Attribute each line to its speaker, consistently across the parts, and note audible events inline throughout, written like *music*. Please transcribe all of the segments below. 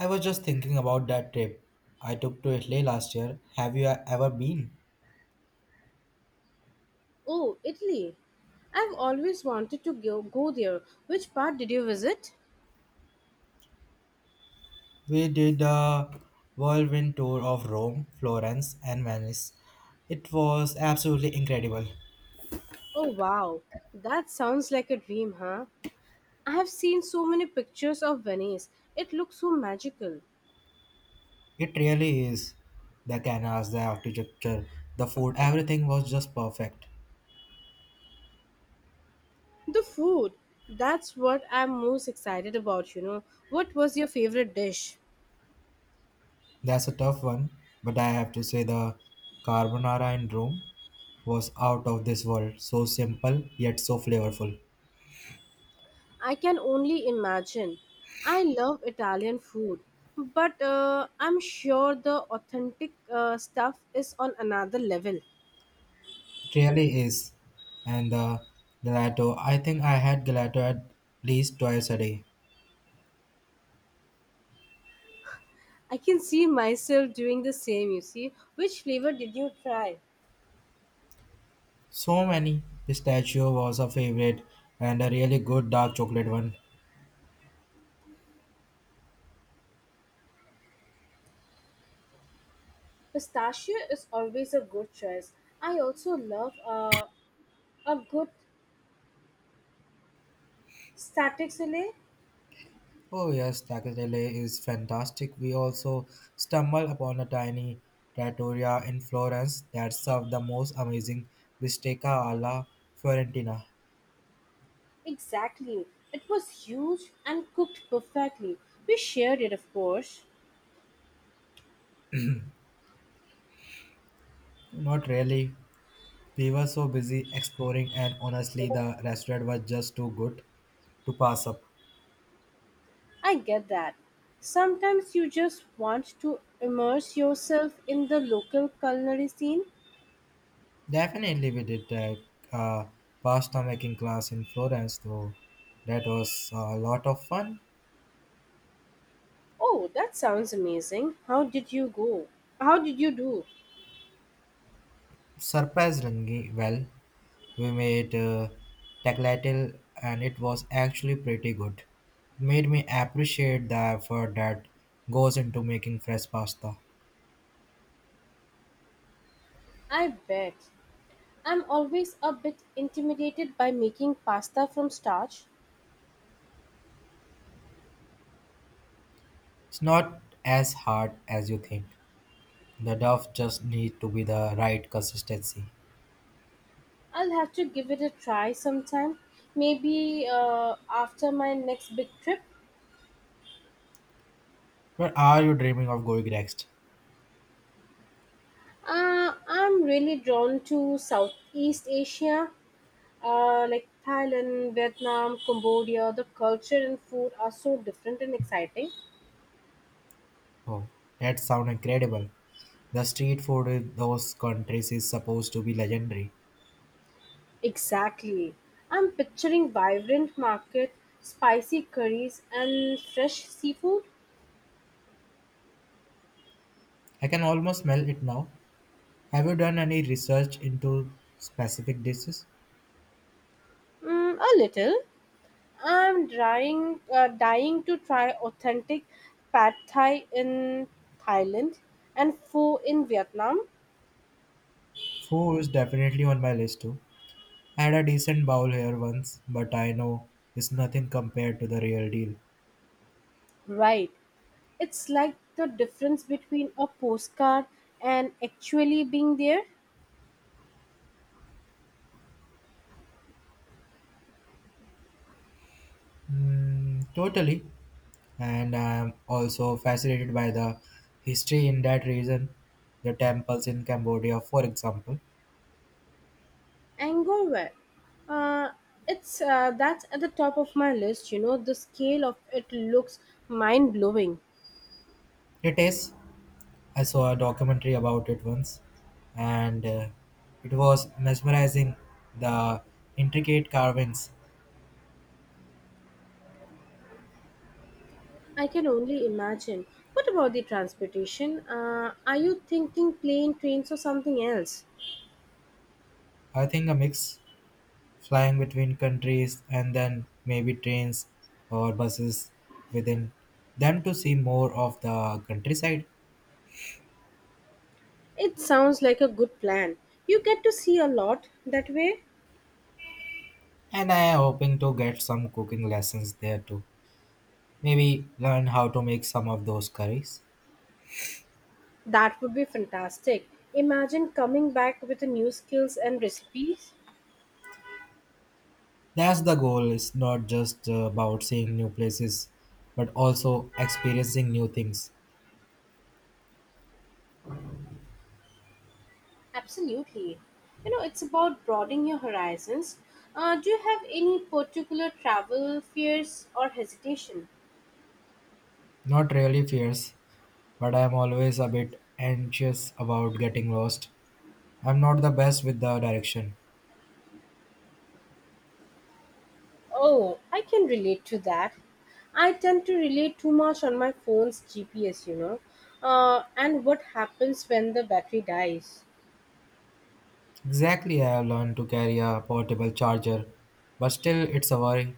Speaker 1: I was just thinking about that trip I took to Italy last year. Have you ever been?
Speaker 2: Oh, Italy. I've always wanted to go there. Which part did you visit?
Speaker 1: We did a whirlwind tour of Rome, Florence, and Venice. It was absolutely incredible.
Speaker 2: Oh, wow. That sounds like a dream, huh? I have seen so many pictures of Venice. It looks so magical.
Speaker 1: It really is. The canals, the architecture, the food, everything was just perfect.
Speaker 2: The food. That's what I'm most excited about. What was your favorite dish?
Speaker 1: That's a tough one, but I have to say the carbonara in Rome was out of this world. So simple yet so flavorful.
Speaker 2: I can only imagine. I love Italian food, but I'm sure the authentic stuff is on another level.
Speaker 1: It really is. And the gelato, I think I had gelato at least twice a day.
Speaker 2: I can see myself doing the same, you see. Which flavor did you try?
Speaker 1: So many. Pistachio was a favorite and a really good dark chocolate one.
Speaker 2: Pistachio is always a good choice. I also love a good static salad.
Speaker 1: Oh yes, Tacatele is fantastic. We also stumbled upon a tiny trattoria in Florence that served the most amazing bistecca alla Fiorentina.
Speaker 2: Exactly. It was huge and cooked perfectly. We shared it, of course.
Speaker 1: Not really. We were so busy exploring and honestly the restaurant was just too good to pass up.
Speaker 2: I get that. Sometimes you just want to immerse yourself in the local culinary scene.
Speaker 1: Definitely, we did a uh, pasta making class in Florence, though. That was a lot of fun.
Speaker 2: Oh, that sounds amazing. How did you go? How did you do?
Speaker 1: Surprisingly, well, we made tagliatelle, and it was actually pretty good. Made me appreciate the effort that goes into making fresh pasta.
Speaker 2: I bet. I'm always a bit intimidated by making pasta from starch.
Speaker 1: It's not as hard as you think. The dough just need to be the right consistency.
Speaker 2: I'll have to give it a try sometime, maybe after my next big trip.
Speaker 1: Where are you dreaming of going next?
Speaker 2: I'm really drawn to Southeast Asia, like Thailand, Vietnam, Cambodia. The culture and food are so different and exciting.
Speaker 1: Oh, that sounds incredible. The street food in those countries is supposed to be legendary.
Speaker 2: Exactly. I'm picturing vibrant market, spicy curries, and fresh seafood.
Speaker 1: I can almost smell it now. Have you done any research into specific dishes?
Speaker 2: Mm, a little. I'm dying to try authentic pad thai in Thailand and pho in Vietnam.
Speaker 1: Food is definitely on my list too. I had a decent bowl here once, but I know it's nothing compared to the real deal.
Speaker 2: Right, it's like the difference between a postcard and actually being there.
Speaker 1: Mm, totally. And I'm also fascinated by the history in that region, the temples in Cambodia, for example.
Speaker 2: Angover, uh, it's that's at the top of my list. You know, the scale of it looks mind blowing.
Speaker 1: It is. I saw a documentary about it once, and it was mesmerizing, the intricate carvings.
Speaker 2: I can only imagine. What about the transportation? Are you thinking plane, trains, or something else?
Speaker 1: I think a mix, flying between countries and then maybe trains or buses within them to see more of the countryside.
Speaker 2: It sounds like a good plan. You get to see a lot that way.
Speaker 1: And I am hoping to get some cooking lessons there too. Maybe learn how to make some of those curries.
Speaker 2: That would be fantastic. Imagine coming back with the new skills and recipes.
Speaker 1: That's the goal. It's not just about seeing new places, but also experiencing new things.
Speaker 2: Absolutely. You know, it's about broadening your horizons. Do you have any particular travel fears or hesitation?
Speaker 1: Not really fierce, but I am always a bit anxious about getting lost. I'm not the best with the direction.
Speaker 2: Oh, I can relate to that. I tend to rely too much on my phone's GPS, and what happens when the battery dies.
Speaker 1: Exactly, I have learned to carry a portable charger, but still, it's a worry.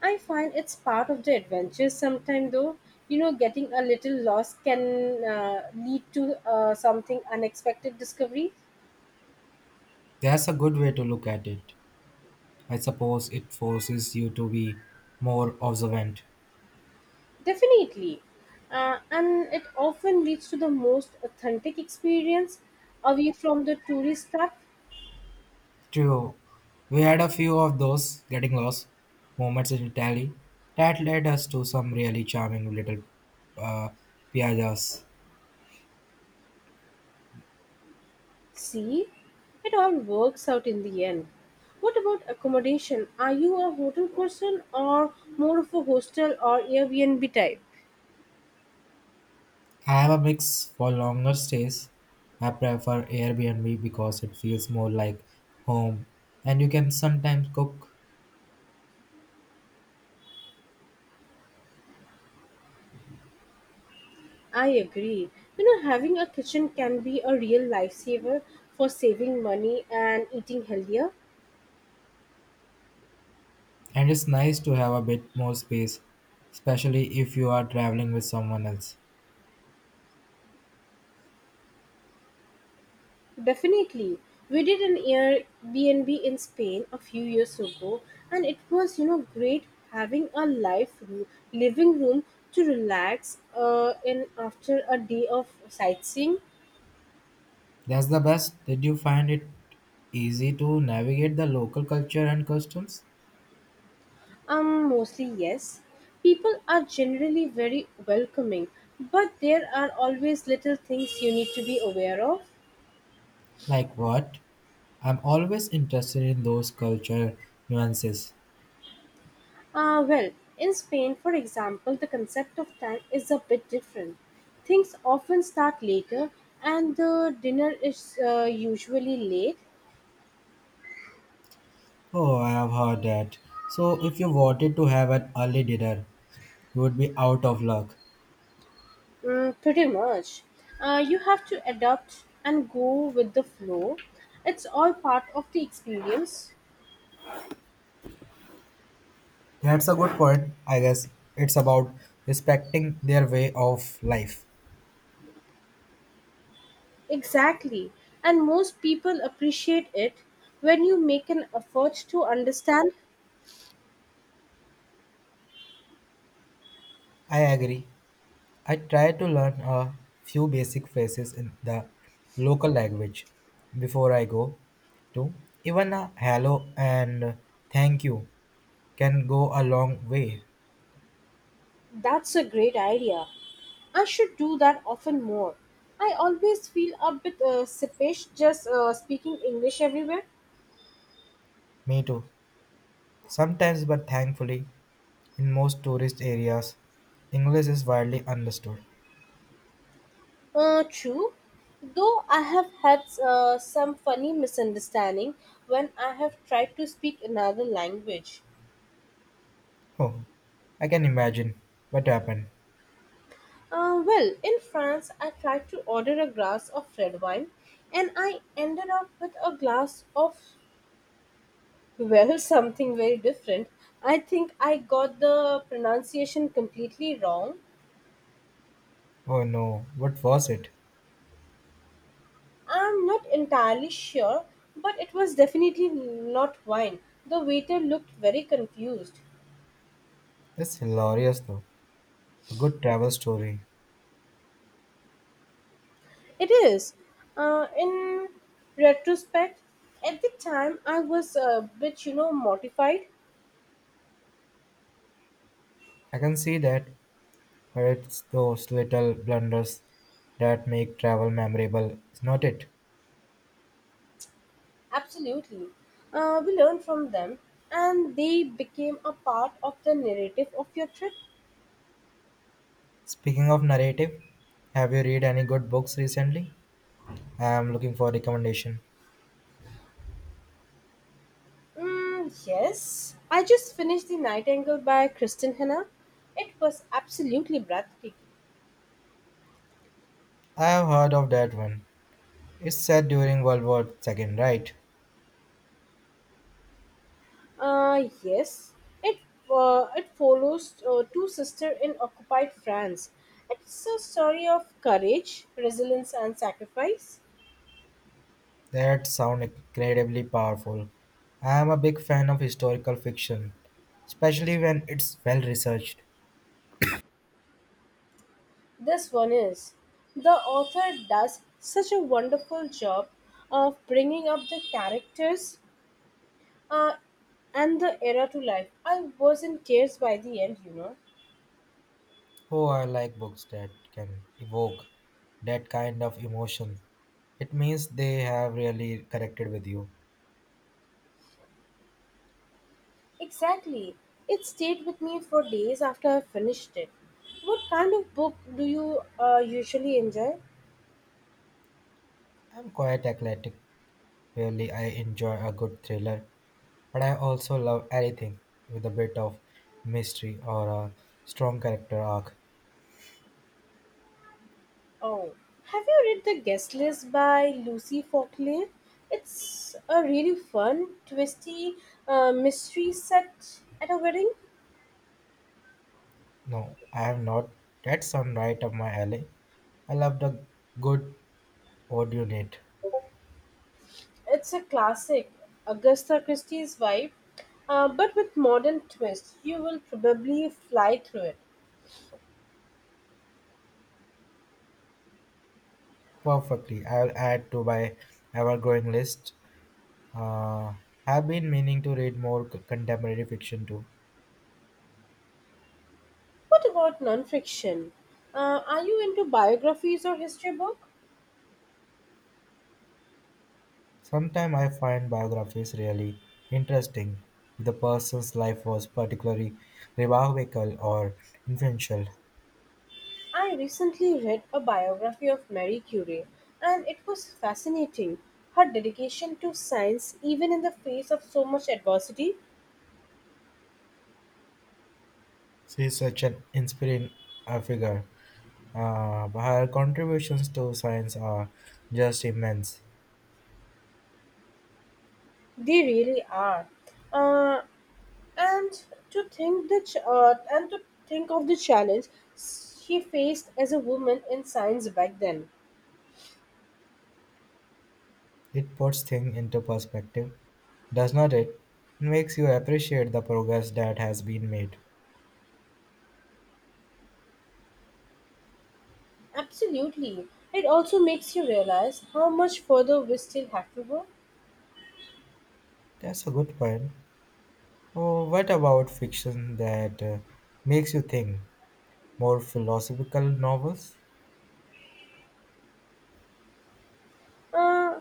Speaker 2: I find it's part of the adventure sometime though. You know, getting a little lost can lead to something unexpected discovery.
Speaker 1: That's a good way to look at it. I suppose it forces you to be more observant.
Speaker 2: Definitely. And it often leads to the most authentic experience away from the tourist trap.
Speaker 1: True, we had a few of those getting lost moments in Italy that led us to some really charming little uh, piazzas.
Speaker 2: See, it all works out in the end. What about accommodation? Are you a hotel person or more of a hostel or Airbnb type?
Speaker 1: I have a mix for longer stays. I prefer Airbnb because it feels more like home and you can sometimes cook.
Speaker 2: I agree. You know, having a kitchen can be a real lifesaver for saving money and eating healthier.
Speaker 1: And it's nice to have a bit more space, especially if you are traveling with someone else.
Speaker 2: Definitely. We did an Airbnb in Spain a few years ago, and it was great having a living room to relax in after a day of sightseeing.
Speaker 1: That's the best. Did you find it easy to navigate the local culture and customs?
Speaker 2: Mostly yes. People are generally very welcoming, but there are always little things you need to be aware of.
Speaker 1: Like what? I'm always interested in those culture nuances.
Speaker 2: Well, in Spain, for example, the concept of time is a bit different. Things often start later, and the dinner is usually late,
Speaker 1: Oh, I have heard that. So, if you wanted to have an early dinner, you would be out of luck.
Speaker 2: mm, pretty much. You have to adapt and go with the flow. It's all part of the experience.
Speaker 1: That's a good point, I guess. It's about respecting their way of life.
Speaker 2: Exactly. And most people appreciate it when you make an effort to understand.
Speaker 1: I agree. I try to learn a few basic phrases in the local language before I go to. Even a hello and thank you can go a long way.
Speaker 2: That's a great idea. I should do that often more. I always feel a bit sheepish just speaking English everywhere.
Speaker 1: Me too. Sometimes, but thankfully, in most tourist areas, English is widely understood.
Speaker 2: True, though I have had some funny misunderstanding when I have tried to speak another language.
Speaker 1: Oh, I can imagine. What happened?
Speaker 2: Well, in France, I tried to order a glass of red wine and I ended up with a glass of, well, *laughs* something very different. I think I got the pronunciation completely wrong.
Speaker 1: Oh no, what was it?
Speaker 2: I'm not entirely sure, but it was definitely not wine. The waiter looked very confused.
Speaker 1: It's hilarious though. A good travel story.
Speaker 2: It is. In retrospect, at the time I was a bit mortified.
Speaker 1: I can see that, but it's those little blunders that make travel memorable, is not it?
Speaker 2: Absolutely. We learned from them and they became a part of the narrative of your trip.
Speaker 1: Speaking of narrative, have you read any good books recently? I am looking for recommendation.
Speaker 2: Mm, yes. I just finished The Nightingale by Kristen Hanna. It was absolutely breathtaking.
Speaker 1: I have heard of that one. It's set during World War Two, right?
Speaker 2: Yes, it it follows two sisters in occupied France. It's a story of courage, resilience, and sacrifice.
Speaker 1: That sound incredibly powerful. I am a big fan of historical fiction, especially when it's well researched.
Speaker 2: This one is. The author does such a wonderful job of bringing up the characters uh, and the era to life. I wasn't cares by the end, you know.
Speaker 1: Oh, I like books that can evoke that kind of emotion. It means they have really connected with you.
Speaker 2: Exactly. It stayed with me for days after I finished it. What kind of book do you usually enjoy?
Speaker 1: I'm quite eclectic. Really, I enjoy a good thriller, but I also love anything with a bit of mystery or a strong character arc.
Speaker 2: Oh, have you read The Guest List by Lucy Faulkner? It's a really fun, twisty mystery set at a wedding.
Speaker 1: No, I am not. That sounds right up my alley. I love the good. What do you need?
Speaker 2: It's a classic Agatha Christie's vibe, but with modern twist. You will probably fly through it.
Speaker 1: Perfectly. I'll add to my ever-growing list. Uh, I've been meaning to read more contemporary fiction too.
Speaker 2: What about non-fiction? Are you into biographies or history books?
Speaker 1: Sometimes I find biographies really interesting if the person's life was particularly remarkable or influential.
Speaker 2: I recently read a biography of Marie Curie, and it was fascinating. Her dedication to science, even in the face of so much adversity,
Speaker 1: She's such an inspiring figure. But her contributions to science are just immense.
Speaker 2: they really are. Uh, and and to think of the challenge she faced as a woman in science back then.
Speaker 1: It puts things into perspective, does not it? It makes you appreciate the progress that has been made.
Speaker 2: Absolutely, it also makes you realize how much further we still have to go.
Speaker 1: That's a good point. Oh, what about fiction that makes you think? More philosophical novels?
Speaker 2: Uh,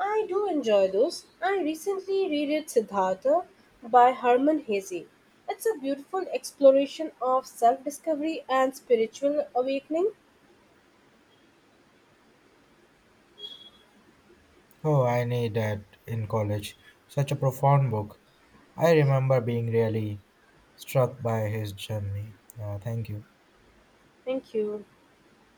Speaker 2: I do enjoy those. I recently reread Siddhartha by Herman Hesse. It's a beautiful exploration of self discovery and spiritual awakening.
Speaker 1: Oh, I need that in college. Such a profound book. I remember being really struck by his journey. Yeah, thank you.
Speaker 2: Thank you.